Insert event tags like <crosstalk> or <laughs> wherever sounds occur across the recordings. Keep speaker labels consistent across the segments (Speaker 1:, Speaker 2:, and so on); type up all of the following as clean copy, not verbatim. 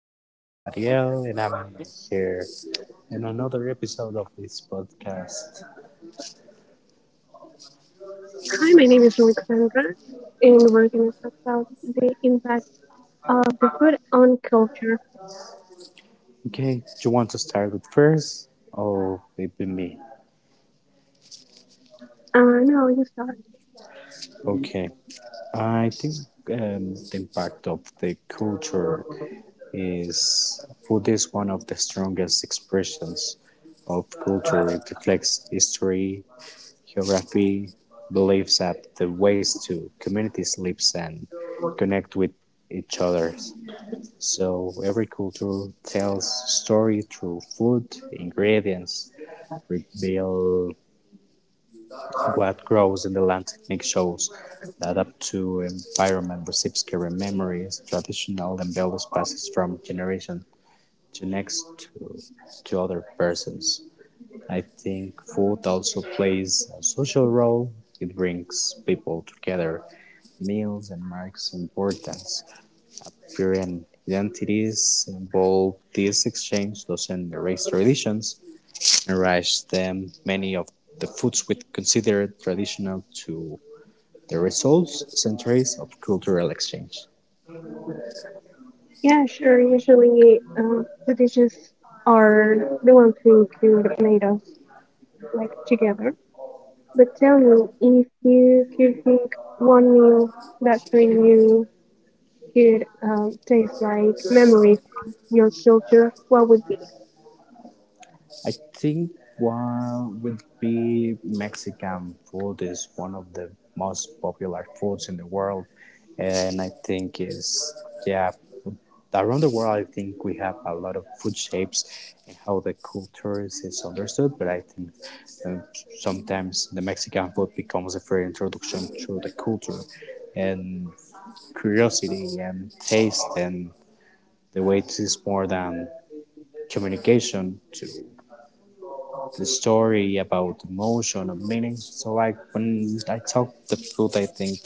Speaker 1: name is Ariel and I'm here in another episode of this podcast.
Speaker 2: my name is Alexandra, and we're going to talk about the impact of the food on culture.
Speaker 1: Okay, do you want to start with first or maybe me?
Speaker 2: No, you start.
Speaker 1: Okay, I think the impact of the culture is food is one of the strongest expressions of culture. It reflects history, geography, beliefs, and the ways to communities live and connect with each other. So every culture tells story through food, ingredients, reveal what grows in the land. Technique shows that up to environment receives carry memories, traditional and values passes from generation to next to other persons. I think food also plays a social role. It brings people together. Meals and marks importance apparent identities involved, this exchange doesn't erase traditions and raise them. Many of the foods we consider traditional to the results centuries of cultural exchange.
Speaker 2: Yeah, sure. Usually, the dishes are the ones who could made us like together. But tell me, if you could pick one meal that for you could taste like memory for your culture, what would be?
Speaker 1: I think one would be Mexican food is one of the most popular foods in the world, and I think is yeah around the world. I think we have a lot of food shapes and how the cultures is understood. But I think um, sometimes the Mexican food becomes a free introduction to the culture and curiosity and taste and the way it is more than communication to the story about emotion and meaning. So I when I talk the food, I think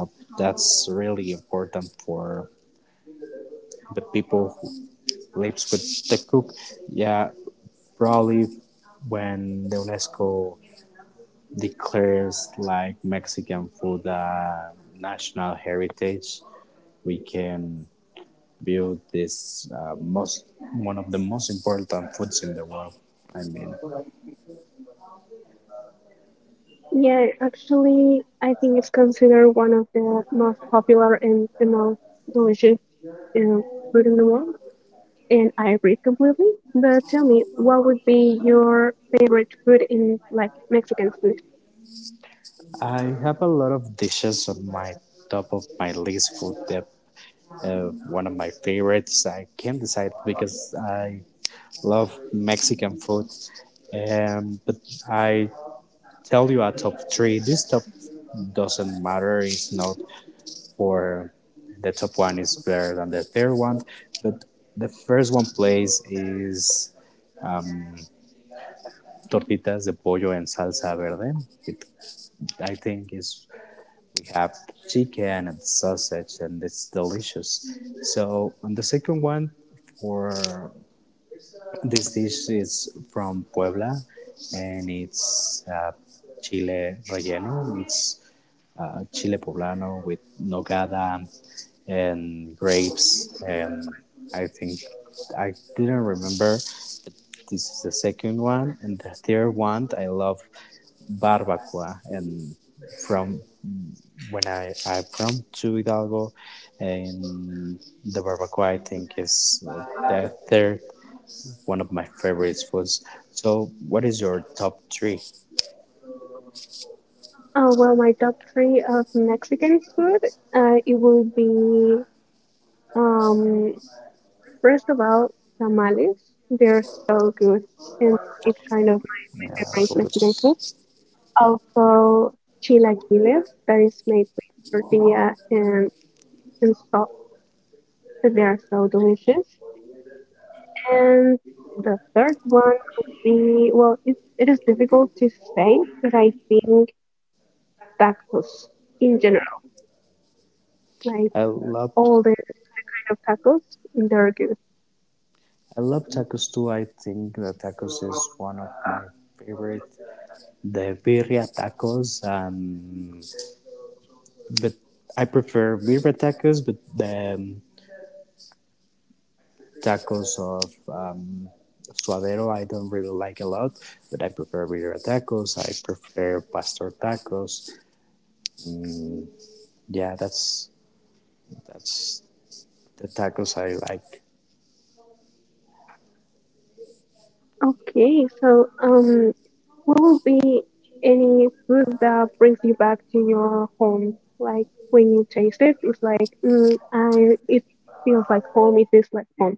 Speaker 1: uh, that's really important for the people who lives with the cook. Yeah, probably when the UNESCO declares like Mexican food national heritage, we can build this most one of the most important foods in the world. I mean.
Speaker 2: Yeah, actually, I think it's considered one of the most popular and the most delicious um, food in the world, and I agree completely. But tell me, what would be your favorite food in like Mexican food?
Speaker 1: I have a lot of dishes on my top of my list for the one of my favorites. I can't decide because I love Mexican food. But I tell you a top three. This top doesn't matter. It's not for the top one is better than the third one. But the first one place is tortitas de pollo en salsa verde. It, I think is we have chicken and sausage and it's delicious so and the second one for this dish is from puebla and it's chile relleno it's chile poblano with nogada and grapes and I think I didn't remember this is the second one and the third one I love barbacoa and from when I'm from to Hidalgo, and the barbacoa I think is the third one of my favorite foods. So, what is your top three?
Speaker 2: Oh, well, my top three of Mexican food, it will be um, first of all, tamales. They're so good, and it's kind of my
Speaker 1: Yeah,
Speaker 2: favorite
Speaker 1: so
Speaker 2: Mexican food.
Speaker 1: it's-
Speaker 2: Also, chilaquiles that is made with tortilla and salt. They are so delicious. And the third one would be well, it is difficult to say, but I think tacos in general, like
Speaker 1: I love
Speaker 2: all the kind of tacos, they're good.
Speaker 1: I love tacos too. I think the tacos is one of my favorite. The birria tacos, but I prefer birria tacos, but the tacos of suadero I don't really like a lot, but I prefer birria tacos. I prefer pastor tacos. Mm, yeah, that's the tacos I like.
Speaker 2: Okay, so will be any food that brings you back to your home. Like when you taste it, it's like, it feels like home, it tastes like home.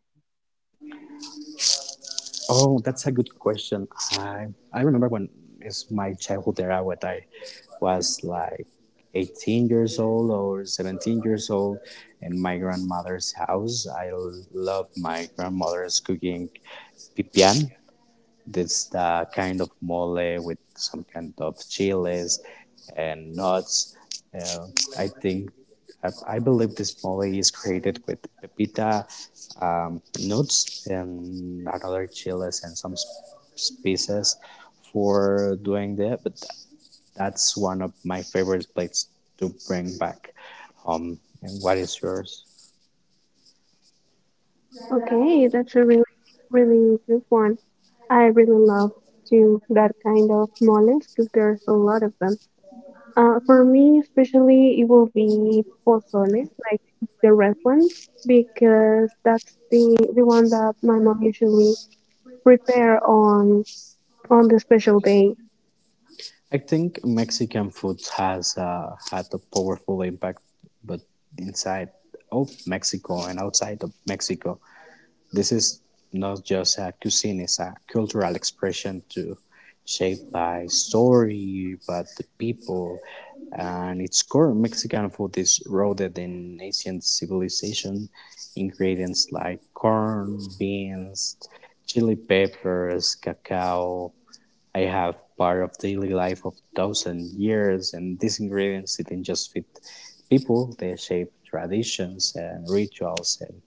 Speaker 1: Oh, that's a good question. I I remember when it's my childhood era when I was like 18 years old or 17 years old in my grandmother's house. I love my grandmother's cooking pipián. This kind of mole with some kind of chiles and nuts. Uh, I think I believe this mole is created with pepita nuts and another chiles and some spices for doing that. But that's one of my favorite plates to bring back home. And what is yours?
Speaker 2: Okay, that's a really, really good one. I really love to that kind of knowledge because there's a lot of them. For me, especially, it will be pozole, like the red one, because that's the one that my mom usually prepare on the special day.
Speaker 1: I think Mexican food has had a powerful impact, but inside of Mexico and outside of Mexico, this is not just a cuisine; it's a cultural expression too, shaped by story, but the people. And its core, Mexican food is rooted in ancient civilization. Ingredients like corn, beans, chili peppers, cacao, I have part of daily life of thousand years, and these ingredients didn't just fit people; they shape traditions and rituals and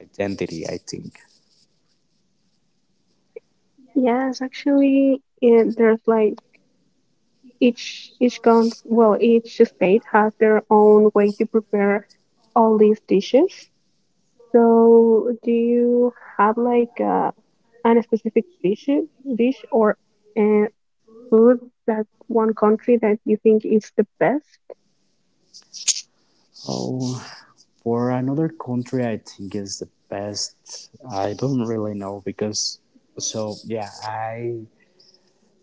Speaker 1: identity. I think.
Speaker 2: Yes, actually, yeah, there's like each count, well, each state has their own way to prepare all these dishes. So, do you have like an specific dish or uh, food that one country that you think is the best?
Speaker 1: Oh, for another country, I think is the best. I don't really know because. So yeah, I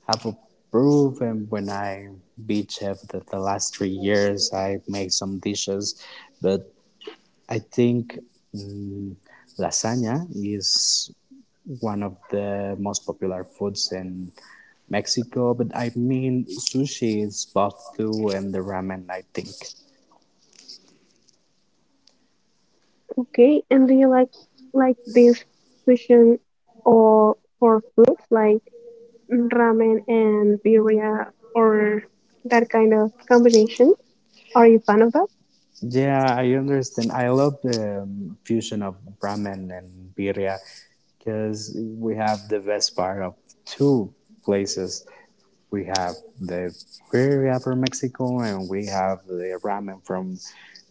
Speaker 1: have a proof, and when I be chef the last 3 years, I made some dishes, but I think mm, lasagna is one of the most popular foods in Mexico, but I mean sushi is both too and the ramen, I think.
Speaker 2: Okay, and do you like this fusion or for food like ramen and birria or that kind of combination. Are you fan of that?
Speaker 1: Yeah, I understand. I love the fusion of ramen and birria because we have the best part of two places. We have the birria from Mexico, and we have the ramen from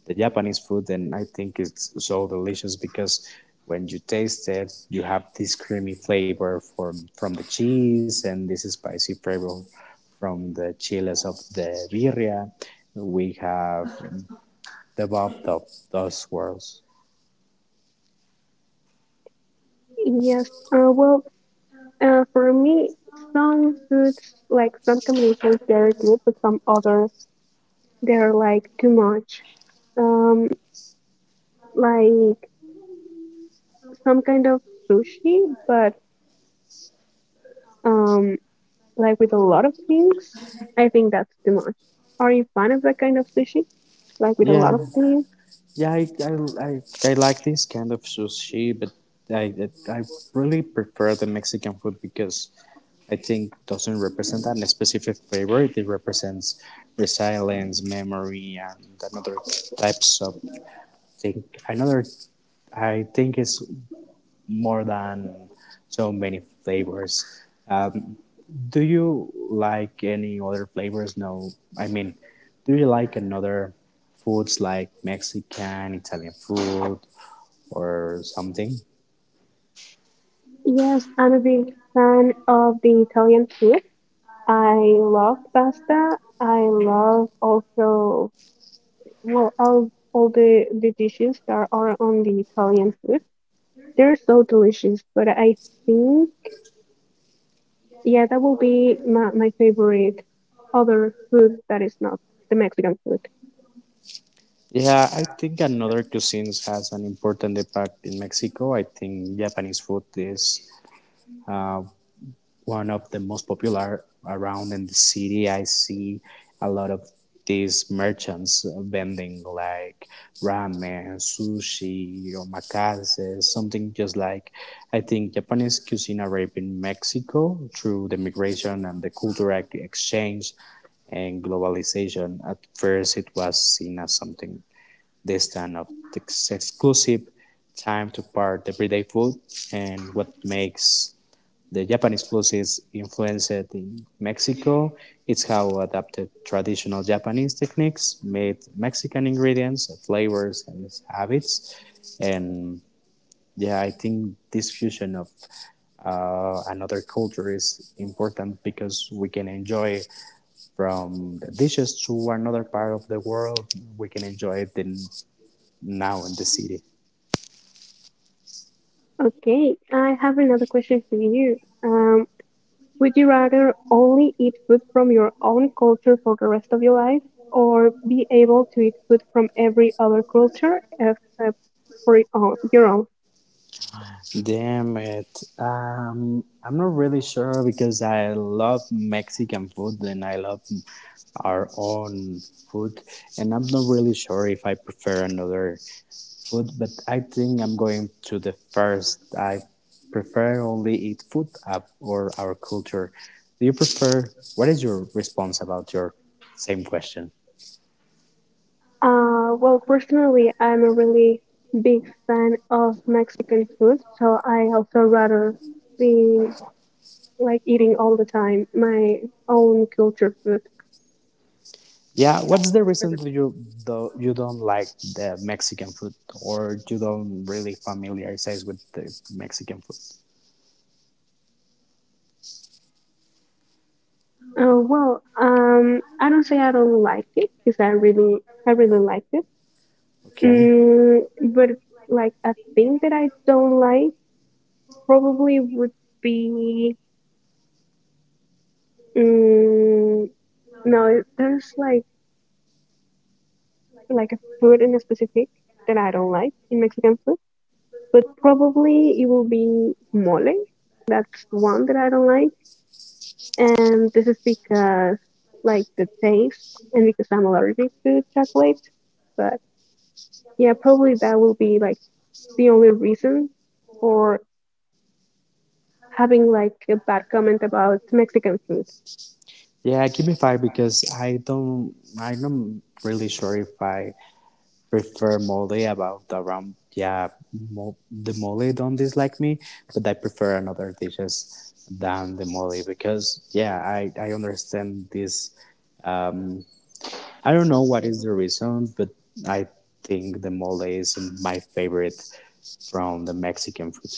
Speaker 1: the Japanese food. And I think it's so delicious because when you taste it, you have this creamy flavor from the cheese, and this spicy flavor from the chiles of the birria. We have the bob of those swirls.
Speaker 2: Yes. Well, for me, some foods, like some combinations, they're good, but some others, they're like too much. Um, like some kind of sushi, but um, like with a lot of things, I think that's too much. Are you fan of that kind of sushi? Like with a lot of
Speaker 1: Yeah,
Speaker 2: things?
Speaker 1: yeah, I, I like this kind of sushi, but I really prefer the Mexican food because I think doesn't represent a specific flavor. It represents resilience, memory, and another types of thing. Another, I think, is more than so many flavors. Do you like any other flavors? No, I mean, do you like another foods like Mexican, Italian food, or something?
Speaker 2: Yes, I'm a big fan of the Italian food. I love pasta. I love also, well, all the dishes that are on the Italian food. They're so delicious, but I think, yeah, that will be my favorite other food that is not the Mexican food.
Speaker 1: Yeah, I think another cuisines has an important impact in Mexico. I think Japanese food is uh, one of the most popular around in the city. I see a lot of these merchants vending like ramen, sushi, omakase, something just like I think Japanese cuisine arrived in Mexico through the migration and the cultural exchange and globalization. At first, it was seen as something they stand up the exclusive time to part the everyday food and what makes the Japanese food is influenced in Mexico. It's how adapted traditional Japanese techniques made Mexican ingredients, flavors, and habits. And yeah, I think this fusion of another culture is important because we can enjoy from the dishes to another part of the world. We can enjoy the now in the city.
Speaker 2: Okay, I have another question for you. Would you rather only eat food from your own culture for the rest of your life or be able to eat food from every other culture except for your own?
Speaker 1: Damn it. I'm not really sure because I love Mexican food and I love our own food. And I'm not really sure if I prefer another food, but I think I'm going to the first. I prefer only eat food up or our culture. Do you prefer? What is your response about your same question?
Speaker 2: Well, personally, I'm a really big fan of Mexican food, so I also rather be like eating all the time my own culture food.
Speaker 1: Yeah, what's the reason that you don't like the Mexican food or you don't really familiarize with the Mexican food?
Speaker 2: Well, I don't say I don't like it because I really liked it.
Speaker 1: Okay.
Speaker 2: Mm, but like a thing that I don't like probably would be mm, no, there's like a food in specific that I don't like in Mexican food, but probably it will be mole. That's one that I don't like, and this is because like the taste and because I'm allergic to chocolate. But yeah, probably that will be like the only reason for having like a bad comment about Mexican food.
Speaker 1: Yeah, give me five because I'm not really sure if I prefer mole about the ram. Yeah, the mole don't dislike me, but I prefer another dishes than the mole because yeah, I understand this um, I don't know what is the reason, but I think the mole is my favorite from the Mexican food.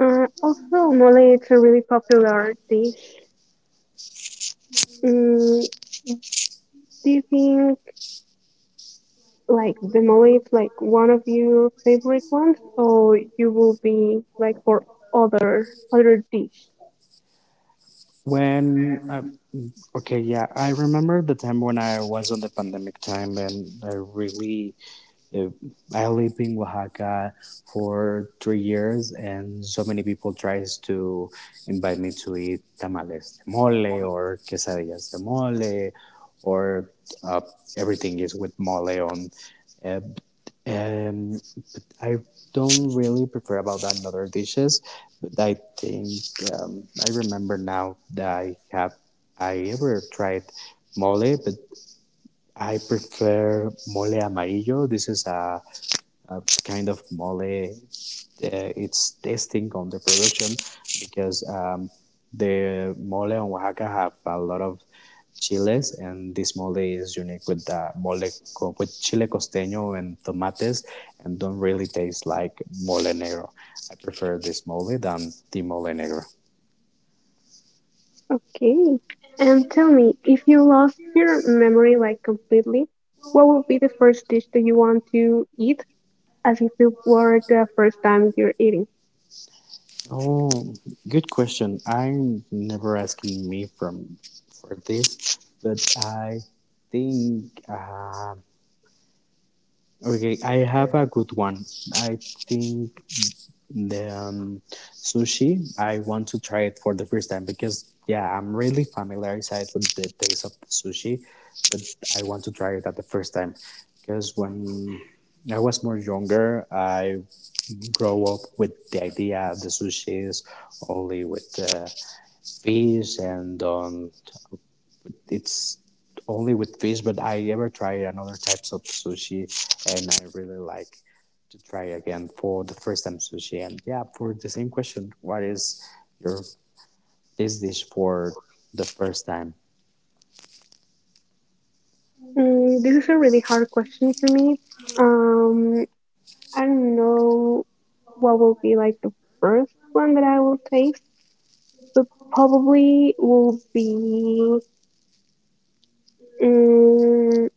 Speaker 2: Also, mole it's a really popular dish. Mm, do you think like the mole is like one of your favorite ones, or you will be like for other dish?
Speaker 1: When okay, yeah, I remember the time when I was on the pandemic time, and I really uh, I lived in Oaxaca for 3 years, and so many people tries to invite me to eat tamales de mole or quesadillas de mole, or uh, everything is with mole on. Uh, um, I don't really prefer about another dishes, but I think I remember now that I ever tried mole, but I prefer mole amarillo. This is a kind of mole its testing on the production because the mole on Oaxaca have a lot of chiles and this mole is unique with the mole with chile costeño and tomates and don't really taste like mole negro. I prefer this mole than the mole negro.
Speaker 2: Okay. And tell me, if you lost your memory like completely, what would be the first dish that you want to eat as if it were the first time you're eating?
Speaker 1: Oh, good question. I'm never asking me from for this, but I think okay. I have a good one. I think The sushi, I want to try it for the first time because, yeah, I'm really familiarized with the taste of the sushi, but I want to try it at the first time because when I was more younger, I grow up with the idea of the sushi is only with fish and it's only with fish, but I ever tried another types of sushi, and I really like to try again for the first time sushi. And yeah, for the same question, what is your this dish for the first time?
Speaker 2: Mm, this is a really hard question for me. Um, I don't know what will be like the first one that I will taste, but probably will be mm,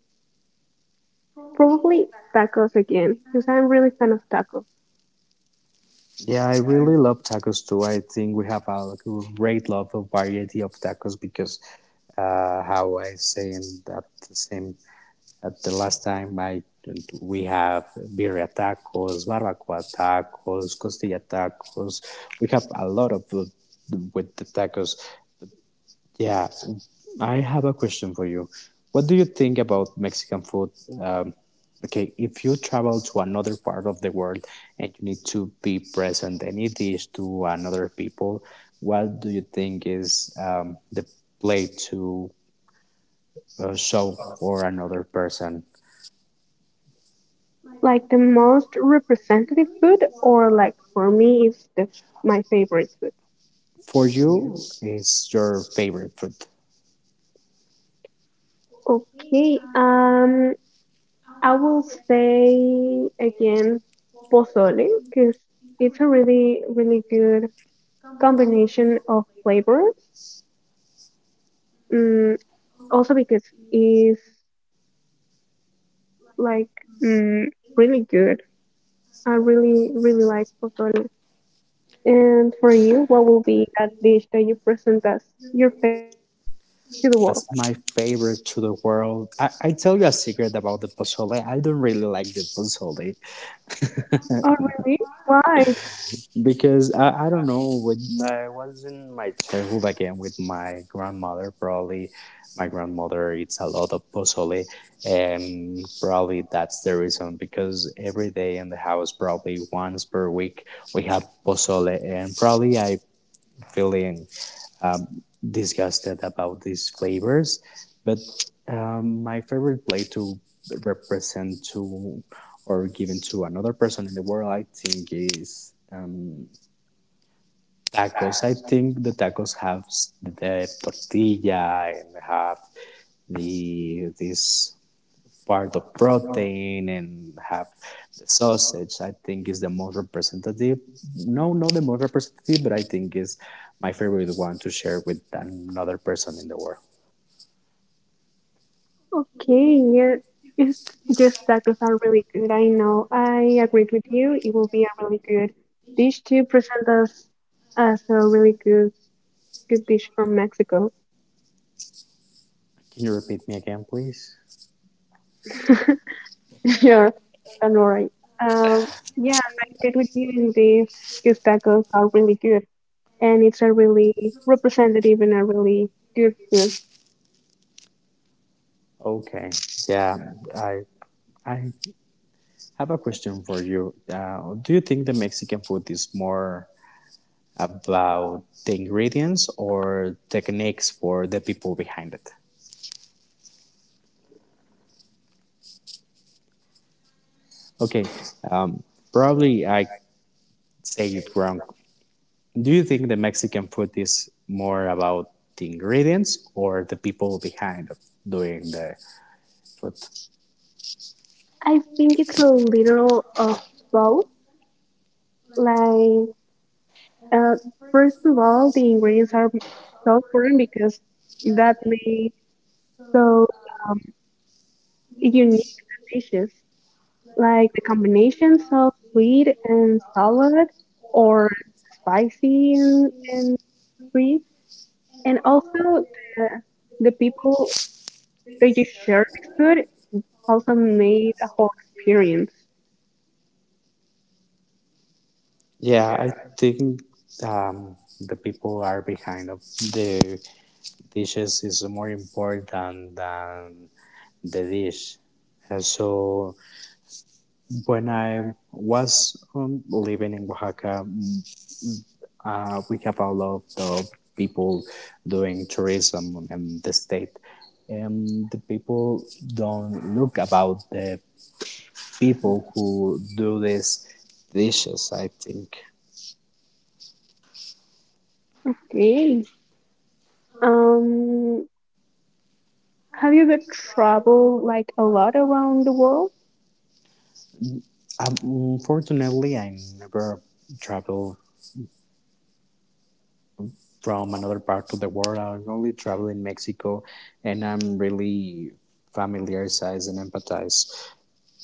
Speaker 2: probably tacos again, because I'm really fan of tacos.
Speaker 1: Yeah, I really love tacos too. I think we have a great love of variety of tacos because how I say in that the same at the last time, I we have birria tacos, barbacoa tacos, costilla tacos. We have a lot of with the tacos. Yeah, I have a question for you. What do you think about Mexican food? Um, okay, if you travel to another part of the world and you need to be present and eat dish to another people, what do you think is the plate to show for another person?
Speaker 2: Like the most representative food, or like for me, is the my favorite food.
Speaker 1: For you is your favorite food?
Speaker 2: Okay, I will say again pozole, because it's a really, really good combination of flavors. Mm, Also because it's like mm, really good. I really, really like pozole. And for you, what will be that dish that you present as your favorite to the world?
Speaker 1: As my favorite to the world, I tell you a secret about the pozole. I don't really like the pozole
Speaker 2: Oh, really? Why?
Speaker 1: because I don't know. When I was in my childhood again with my grandmother, probably my grandmother eats a lot of pozole, and probably that's the reason because every day in the house, probably once per week, we have pozole, and probably I feeling uh, disgusted about these flavors, but my favorite play to represent to or given to another person in the world, I think is tacos. I think the tacos have the tortilla and have the this part of protein and have the sausage. I think is the most representative. No, not the most representative, but I think is my favorite one to share with another person in the world.
Speaker 2: Okay, yeah. It's just tacos are really good. I know. I agreed with you. It will be a really good dish to present us as a really good dish from Mexico.
Speaker 1: Can you repeat me again, please?
Speaker 2: <laughs> <laughs> Sure, don't worry. Um, yes, I agree with you in this because tacos are really good and it's a really representative and a really good food.
Speaker 1: Okay. Yeah, I I have a question for you. Do you think the Mexican food is more about the ingredients or techniques for the people behind it? Okay. Um, Probably I say it wrong. Do you think the Mexican food is more about the ingredients or the people behind it doing the food?
Speaker 2: I think it's a little of both. Like, uh, First of all, the ingredients are so important because that make so unique the dishes. Like the combinations of sweet and salad or spicy and sweet. And also the people that you share this food also made a whole experience.
Speaker 1: Yeah, I think the people are behind of the dishes is more important than the dish. And so when I was living in Oaxaca, we have a lot of people doing tourism in the state. And the people don't look about the people who do these dishes, I think.
Speaker 2: Okay. Um, have you ever traveled like a lot around the world?
Speaker 1: Unfortunately, I never travel from another part of the world. I only travel in Mexico, and I'm really familiarized and empathize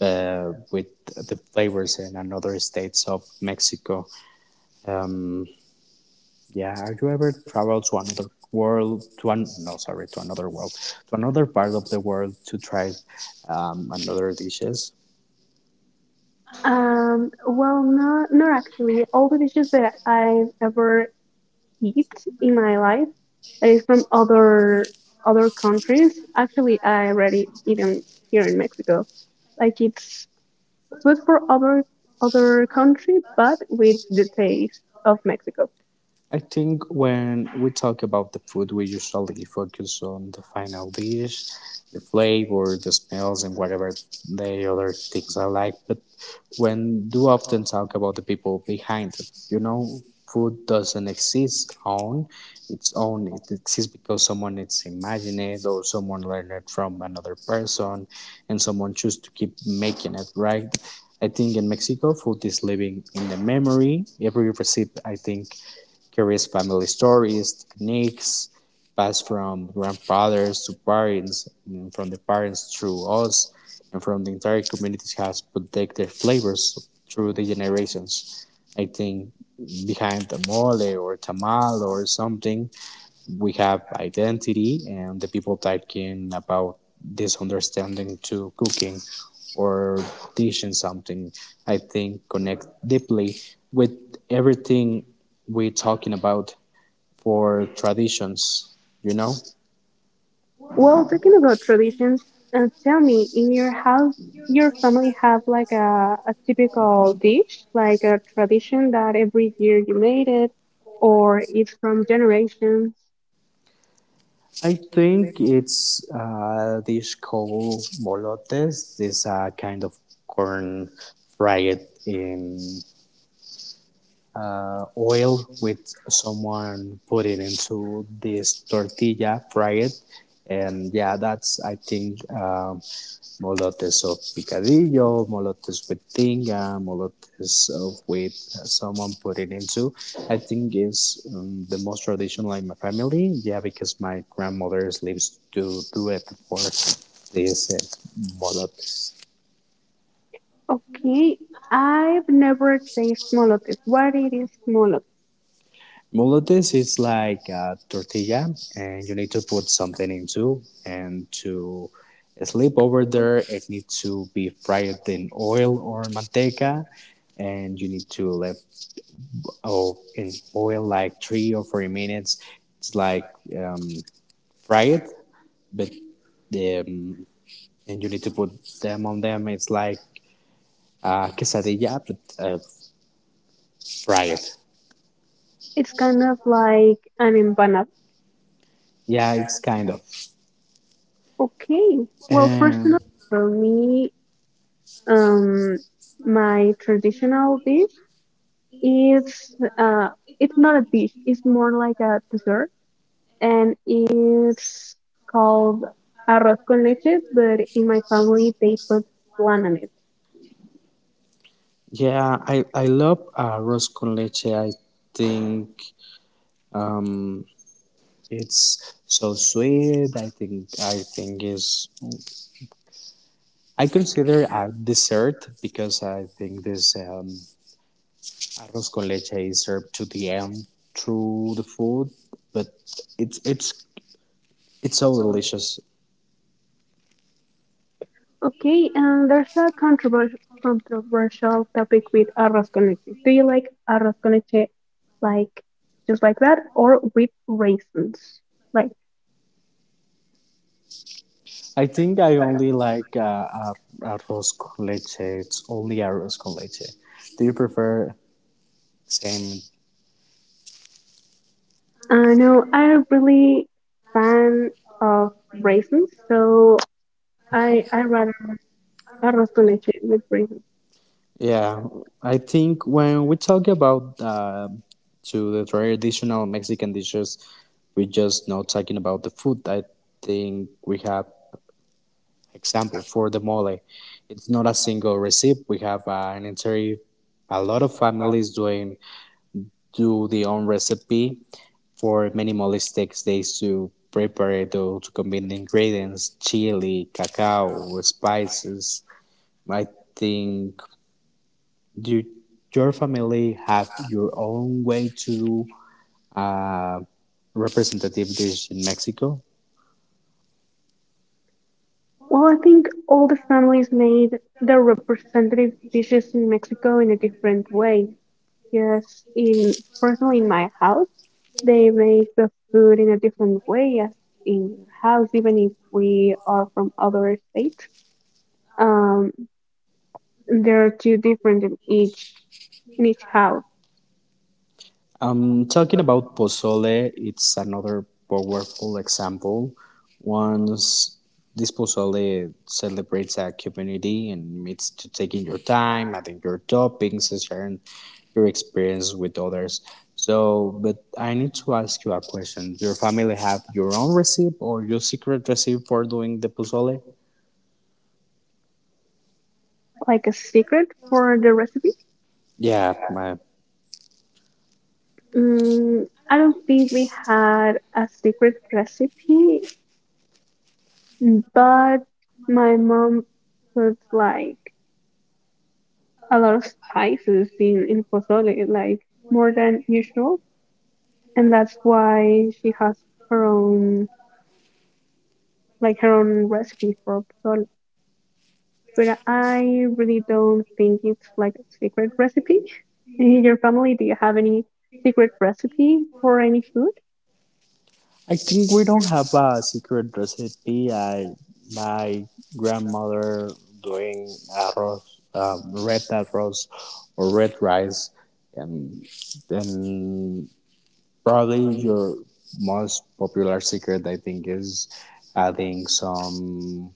Speaker 1: with the flavors in another states of Mexico. Um, yeah, have you ever traveled to another world? To an no, sorry, to another world, to another part of the world to try another dishes?
Speaker 2: Well, no, not actually. All the dishes that I've ever eat in my life that is from other countries. Actually, I already eaten here in Mexico. Like it's food for other country, but with the taste of Mexico.
Speaker 1: I think when we talk about the food, we usually focus on the final dish, the flavor, the smells, and whatever the other things are like. But when do often talk about the people behind it, you know, food doesn't exist on its own. It exists because someone it's imagined it or someone learned it from another person, and someone choose to keep making it right. I think in Mexico, food is living in the memory. Every recipe, I think, curious family stories, techniques passed from grandfathers to parents, and from the parents through us, and from the entire community has protected their flavors through the generations. I think behind the mole or tamal or something we have identity and the people talking about this understanding to cooking or teaching something I think connect deeply with everything we're talking about for traditions, you know.
Speaker 2: Well, talking about traditions, and tell me, in your house, your family have like a typical dish, like a tradition that every year you made it, or it's from generations.
Speaker 1: I think it's a dish called molotes, this kind of corn fried in oil with someone put it into this tortilla, fry it, and yeah, that's I think molotes of picadillo, molotes with tinga, molotes of with someone put it into. I think is the most traditional in my family. Yeah, because my grandmother lives to do it for this molotes.
Speaker 2: Okay, I've never tasted molotes. What it is molote?
Speaker 1: Molotes is like a tortilla, and you need to put something into, and to sleep over there, it needs to be fried in oil or manteca, and you need to let oh in oil like 3 or 4 minutes. It's like um, fry it, but and you need to put them on them. It's like quesadilla, but fry it.
Speaker 2: It's kind of like an empanada.
Speaker 1: Yeah, it's kind of.
Speaker 2: Okay. Well,
Speaker 1: Um,
Speaker 2: personally, for me, Um, my traditional dish is it's not a dish. It's more like a dessert, and it's called arroz con leche. But in my family, they put flan on it.
Speaker 1: Yeah, I love rose con leche. I think um, it's so sweet. I think is I consider a dessert because I think this arroz con leche is served to the end through the food, but it's it's it's so delicious.
Speaker 2: Okay, and there's a controversial topic with arroz con leche. Do you like arroz con leche like just like that or with raisins? Like,
Speaker 1: I think I only like uh, arroz con leche. It's only arroz con leche. Do you prefer same?
Speaker 2: I know I'm really fan of raisins, so I rather arroz con leche with gravy.
Speaker 1: Yeah, I think when we talk about to the traditional Mexican dishes, we just not talking about the food. I think we have example for the mole. It's not a single recipe. We have an entire a lot of families doing do their own recipe for many mole takes days to prepare it to combine the ingredients, chili, cacao, spices. I think do your family have your own way to uh, representative dish in Mexico?
Speaker 2: Well, I think all the families made their representative dishes in Mexico in a different way. Yes, in personally in my house, they make the food in a different way as in your house, even if we are from other states. Um, there are two different in each house,
Speaker 1: Talking about pozole, it's another powerful example. Once this pozole celebrates a community and meets to taking your time, adding your toppings, and sharing your experience with others. So, but I need to ask you a question. Your family have your own recipe or your secret recipe for doing the pozole?
Speaker 2: like a secret for the recipe.
Speaker 1: Yeah, my,
Speaker 2: Mm, I don't think we had a secret recipe. But my mom puts like a lot of spices in pozole, like more than usual, and that's why she has her own like her own recipe for pozole. But I really don't think it's like a secret recipe. <laughs> In your family, do you have any secret recipe for any food?
Speaker 1: I think we don't have a secret recipe. I my grandmother doing arroz, red arroz or red rice, and then probably your most popular secret I think is adding some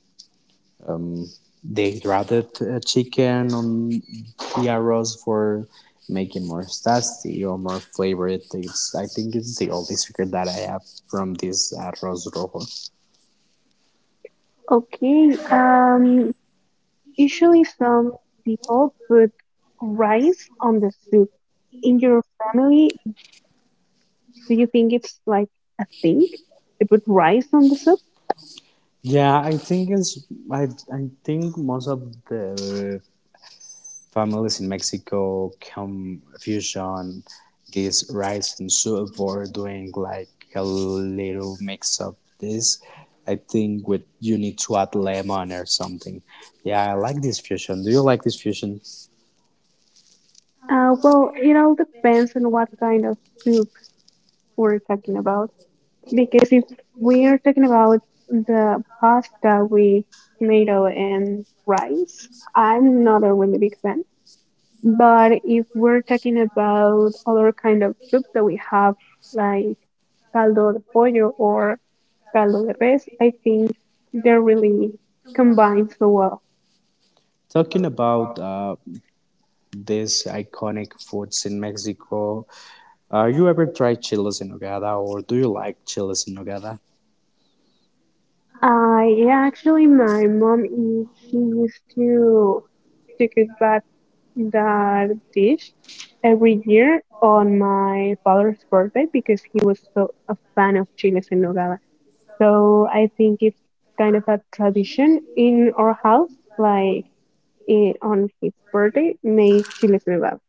Speaker 1: they grated chicken on the arroz for making more tasty or more flavored. It's, I think it's the only secret that I have from this arroz rojo.
Speaker 2: Okay, usually some people put rice on the soup. In your family, do you think it's like a thing to put rice on the soup?
Speaker 1: Yeah, I think it's I, I think most of the families in Mexico confusion this rice and soup for doing like a little mix of this. I think with you need to add lemon or something. Yeah, I like this fusion. Do you like this fusion?
Speaker 2: Well, it all depends on what kind of soup we're talking about. Because if we're talking about the pasta with tomato and rice, I'm not a really big fan. But if we're talking about other kind of soups that we have, like caldo de pollo or caldo de res, I think they're really combined so well.
Speaker 1: Talking about these iconic foods in Mexico, are you ever tried chiles en nogada or do you like chiles en nogada?
Speaker 2: Yeah, actually, my mom is she used to cook that dish every year on my father's birthday because he was so a fan of chiles en nogada. So I think it's kind of a tradition in our house, like on his birthday, make chiles en nogada.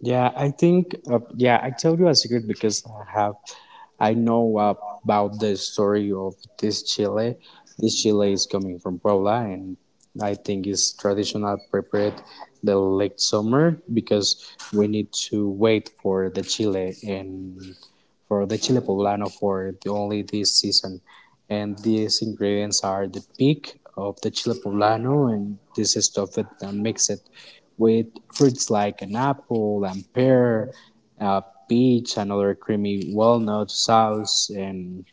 Speaker 1: Yeah, I think, yeah, I tell you a secret because I have, I know about the story of this chile. This chile is coming from Puebla and I think it's traditional prepared the late summer because we need to wait for the chile and for the chile poblano for the, only this season. And these ingredients are the peak of the chile poblano and this is stuff it and mix it with fruits like an apple and pear, uh, peach, and other creamy walnut sauce, and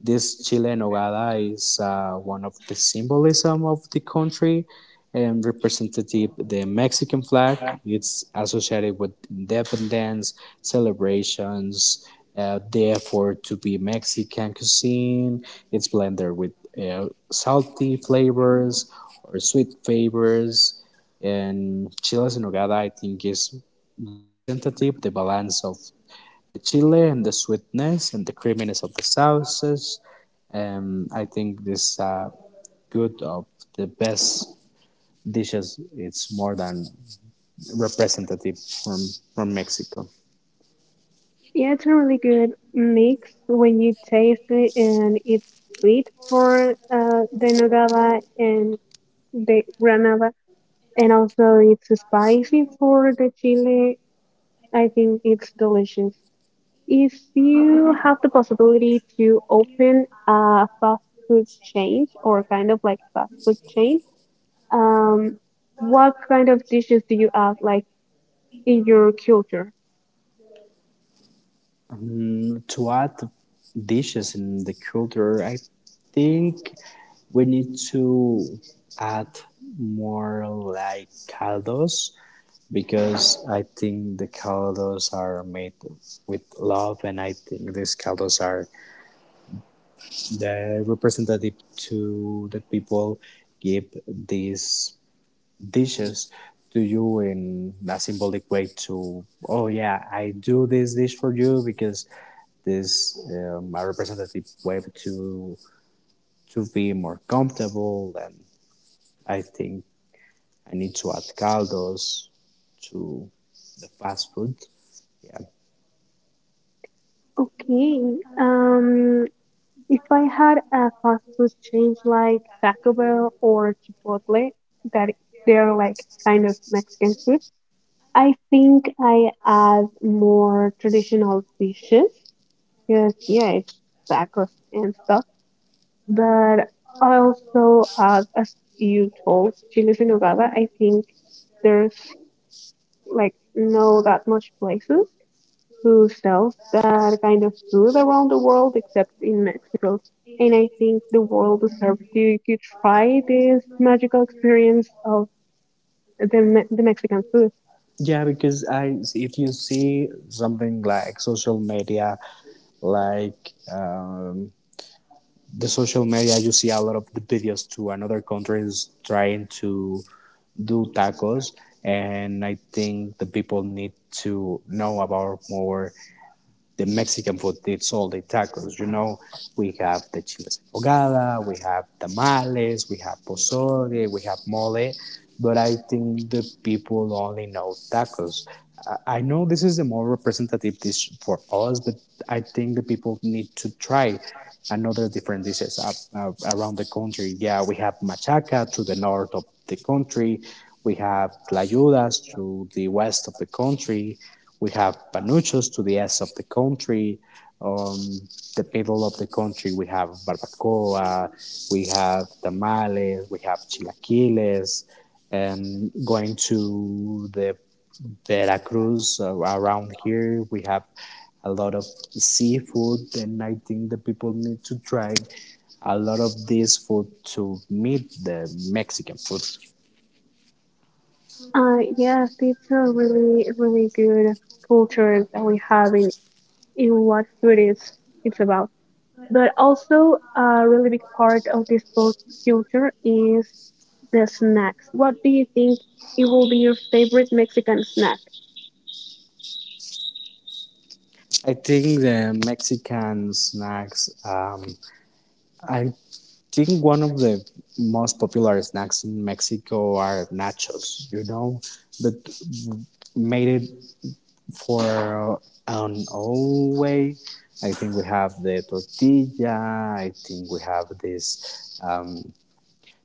Speaker 1: this chile en nogada is one of the symbolism of the country and representative the Mexican flag. It's associated with independence, celebrations, the effort to be Mexican cuisine. It's blended with salty flavors or sweet flavors. And chiles en nogada, I think, is representative the balance of the chili and the sweetness and the creaminess of the sauces. I think this good of the best dishes. It's more than representative from from Mexico.
Speaker 2: Yeah, it's a really good mix when you taste it, and it's sweet for the nogada and the granada. And also, it's spicy for the chili. I think it's delicious. If you have the possibility to open a fast food chain or kind of like fast food chain, um, what kind of dishes do you have like in your culture?
Speaker 1: To add dishes in the culture, I think we need to add more like caldos because I think the caldos are made with love, and I think these caldos are the representative to the people give these dishes to you in a symbolic way to oh yeah I do this dish for you because this a representative way to be more comfortable and I think I need to add caldos to the fast food. Yeah,
Speaker 2: Okay, um, if I had a fast food chain like Taco Bell or Chipotle, that they're like kind of Mexican food. I think I add more traditional dishes because yeah, it's tacos and stuff. But I also add, as you told, chiles en nogada. I think there's like no that much places who sells that kind of food around the world except in Mexico. And I think the world deserves to try this magical experience of the Mexican food.
Speaker 1: yeah, because I if you see something like social media like the social media, you see a lot of the videos to another countries trying to do tacos, and I think the people need to know about more the Mexican food. It's all the tacos. You know, we have the chiles en nogada, we have tamales, we have pozole, we have mole. But I think the people only know tacos. I know this is the more representative dish for us, but I think the people need to try another different dishes up, around the country. Yeah, we have machaca to the north of the country. We have tlayudas to the west of the country. We have panuchos to the east of the country. Um, the middle of the country, we have barbacoa, we have tamales, we have chilaquiles, and going to the Veracruz around here, we have a lot of seafood, and I think the people need to try a lot of this food to meet the Mexican food.
Speaker 2: Yes, it's a really, really good culture that we have in what food is it's about. But also a really big part of this both culture is the snacks. What do you think it will be your favorite Mexican snack?
Speaker 1: I think the Mexican snacks, I I think one of the most popular snacks in Mexico are nachos, you know, but made it for an old way. I think we have the tortilla. I think we have this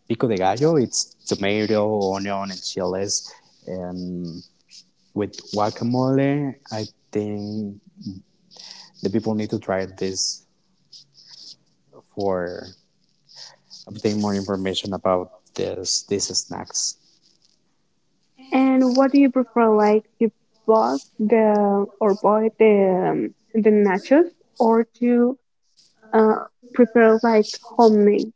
Speaker 1: pico de gallo. It's tomato, onion, and chiles, and with guacamole. I think the people need to try this for obtain more information about this these snacks.
Speaker 2: And what do you prefer, like to bought the or buy the nachos or to uh prepare like homemade?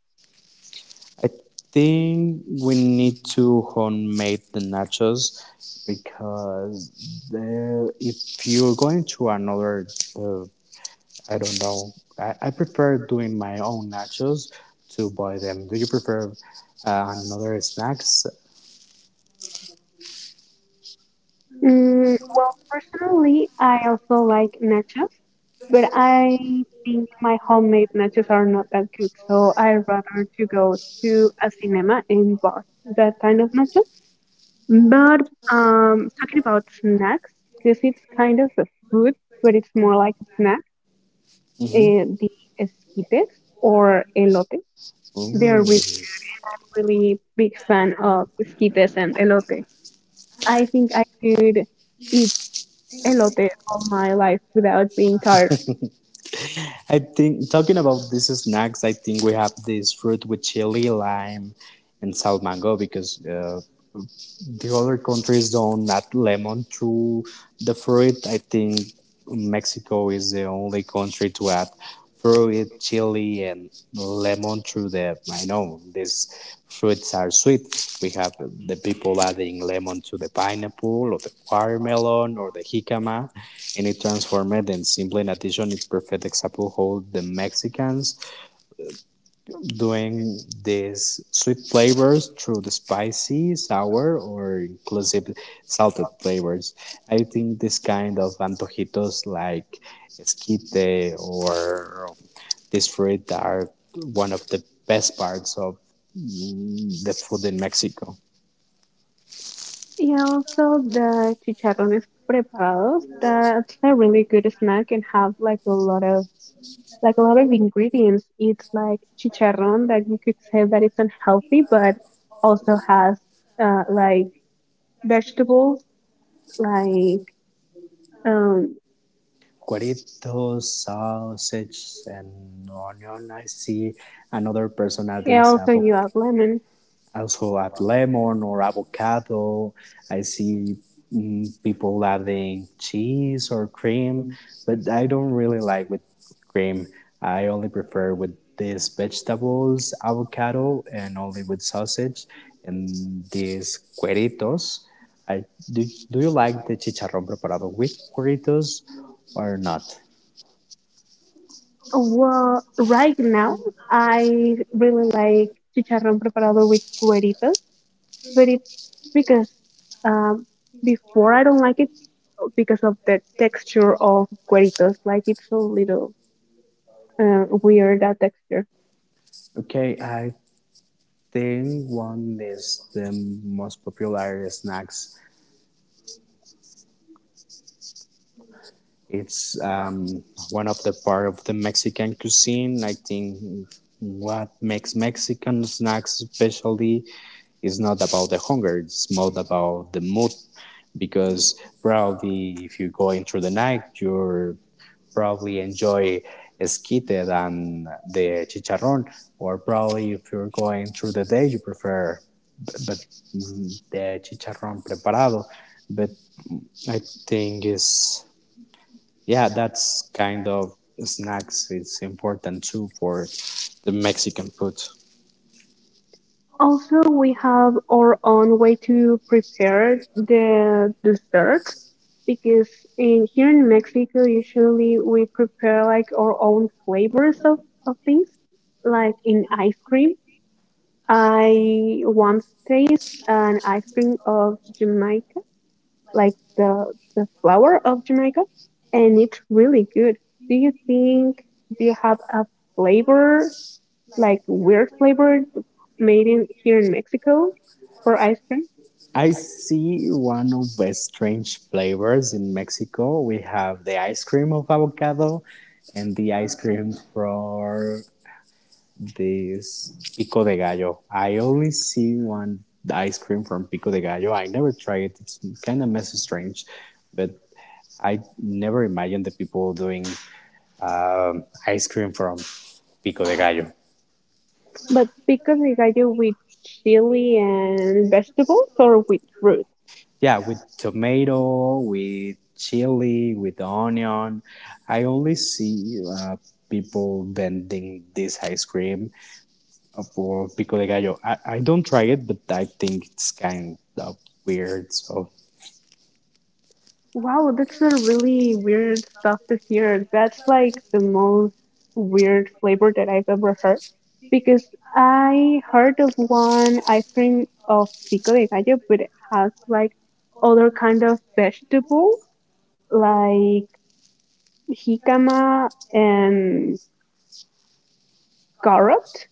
Speaker 1: I think we need to homemade the nachos because the, if you're going to another, uh, I don't know, I prefer doing my own nachos to buy them. Do you prefer another snacks?
Speaker 2: Mm, well, personally, I also like nachos, but I think my homemade nachos are not that good, so I rather to go to a cinema and buy that kind of nachos. But talking about snacks, because it's kind of a food, but it's more like a snack.
Speaker 1: hmm
Speaker 2: The esquites or elote, they're really good, and I'm really big fan of esquites and elote. I think I could eat elote all my life without being tired of it.
Speaker 1: I think talking about these snacks, I think we have this fruit with chili, lime, and salt mango because the other countries don't add lemon to the fruit. I think Mexico is the only country to add fruit, chili, and lemon to the. I know these fruits are sweet. We have the people adding lemon to the pineapple or the watermelon or the jicama, and it transformed and simply in addition, it's perfect example how the Mexicans doing these sweet flavors through the spicy, sour, or inclusive salted flavors. I think this kind of antojitos like esquite or this fruit are one of the best parts of the food in Mexico.
Speaker 2: Yeah, also the chicharrones preparados. That's a really good snack and have like a lot of ingredients. It's like chicharron that you could say that it's unhealthy, but also has like vegetables, like um,
Speaker 1: Cueritos, sausage, and onion. I see another person adding
Speaker 2: yeah. Also,
Speaker 1: sabo
Speaker 2: you add lemon.
Speaker 1: also add lemon or avocado. I see people adding cheese or cream, but I don't really like with cream. I only prefer with these vegetables, avocado, and only with sausage and these cueritos. I, do, do you like the chicharrón preparado with cueritos or not?
Speaker 2: Well, right now I really like chicharrón preparado with cueritos. But because um, before I don't like it oh, because of the texture of cueritos. Like it's a little weird that texture.
Speaker 1: Okay, I think one is the most popular snacks it's one of the part of the Mexican cuisine. I think what makes Mexican snacks especially is not about the hunger. It's more about the mood, because probably if you go into the night, you're probably enjoy esquite than the chicharrón, or probably if you're going through the day, you prefer but the chicharrón preparado. But I think is. Yeah, that's kind of snacks is important too for the Mexican food.
Speaker 2: Also, we have our own way to prepare the dessert because in here in Mexico, usually we prepare like our own flavors of things. Like in ice cream, I once taste an ice cream of Jamaica like the flower of Jamaica, and it's really good. Do you think do you have a flavor like weird flavor made in here in Mexico for ice cream?
Speaker 1: I see one of the strange flavors in Mexico. We have the ice cream of avocado and the ice cream for this pico de gallo. I only see one ice cream from pico de gallo. I never tried it. It's kind of messy strange, but I never imagined the people doing ice cream from pico de gallo.
Speaker 2: But because they got you with chili and vegetables or with fruit.
Speaker 1: Yeah, with tomato, with chili, with onion. I only see people vending this ice cream for pico de gallo. I don't try it, but I think it's kind of weird. So,
Speaker 2: Wow, that's a really weird stuff to hear. That's like the most weird flavor that I've ever heard because I heard of one ice cream of pico de gallo, but it has like other kind of vegetables like jicama and carrot,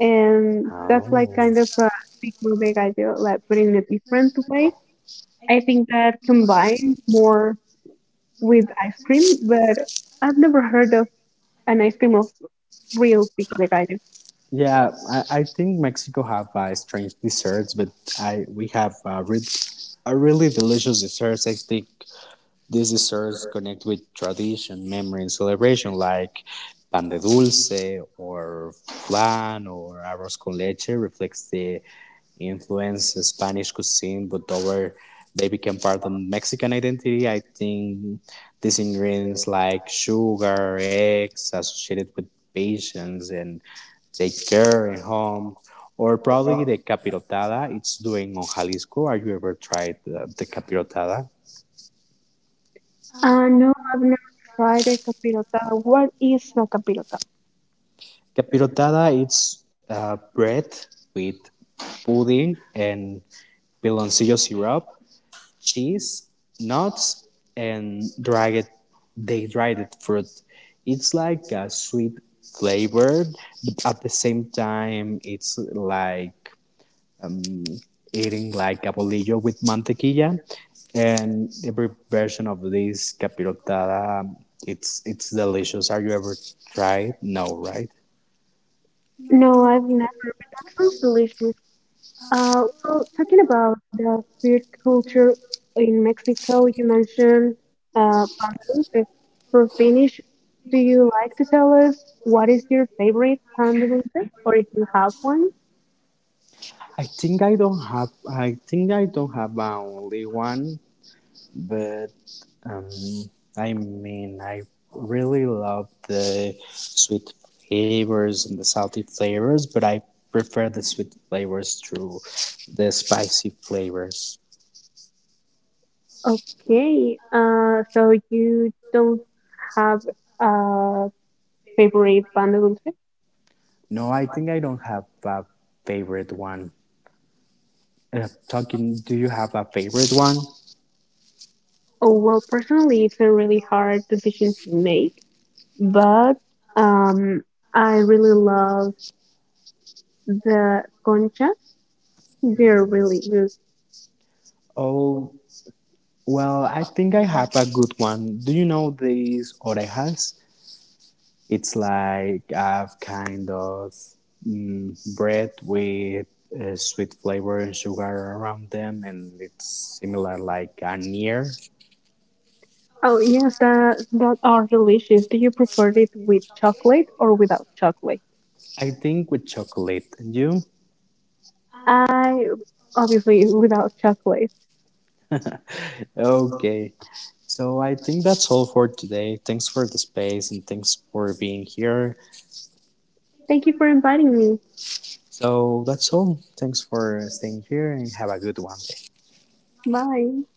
Speaker 2: and that's like kind
Speaker 1: oh.
Speaker 2: of a pico de gallo, like but in a different way. I think that combine more with ice cream, but I've never heard of an ice cream of real pico de gallo.
Speaker 1: Yeah, I think Mexico have strange desserts, but I we have re- a really delicious desserts. I think these desserts connect with tradition, memory, and celebration, like pan de dulce or flan or arroz con leche reflects the influence of Spanish cuisine, but over they became part of Mexican identity. I think these ingredients like sugar, eggs, associated with patience and take care and home, or probably the capirotada. It's doing on Jalisco. Have you ever tried the capirotada?
Speaker 2: No, I've never tried a capirotada. What is a capirotada?
Speaker 1: The pirotada is bread with pudding and piloncillo syrup, cheese, nuts, and dried dehydrated fruit. It's like a sweet flavor, but at the same time, it's like eating like a bolillo with mantequilla. And every version of this capirotada, it's delicious. Have you ever tried? No, right?
Speaker 2: No, I've never, but that sounds delicious. Well, talking about the food culture in Mexico, you mentioned pan de dulce. For Finnish, do you like to tell us what is your favorite pan de dulce, or if you have one?
Speaker 1: I think I don't have. I think I don't have only one, but um, I mean, I really love the sweet flavors and the salty flavors, but I prefer the sweet flavors to the spicy flavors.
Speaker 2: Okay, so you don't have a favorite band of music?
Speaker 1: No, I think I don't have a favorite one. Talking, do you have a favorite one?
Speaker 2: Oh, well, personally, it's a really hard decision to make, but um, I really love the conchas. They're really good.
Speaker 1: Oh, well, I think I have a good one. Do you know these orejas? It's like I've kind of bread with sweet flavor and sugar around them, and it's similar like a near,
Speaker 2: Oh, yes, that that are delicious. Do you prefer it with chocolate or without chocolate?
Speaker 1: I think, with chocolate. And you?
Speaker 2: I obviously without chocolate.
Speaker 1: <laughs> Okay. So I think that's all for today. Thanks for the space and thanks for being here.
Speaker 2: Thank you for inviting me.
Speaker 1: So that's all. Thanks for staying here and have a good one.
Speaker 2: Bye.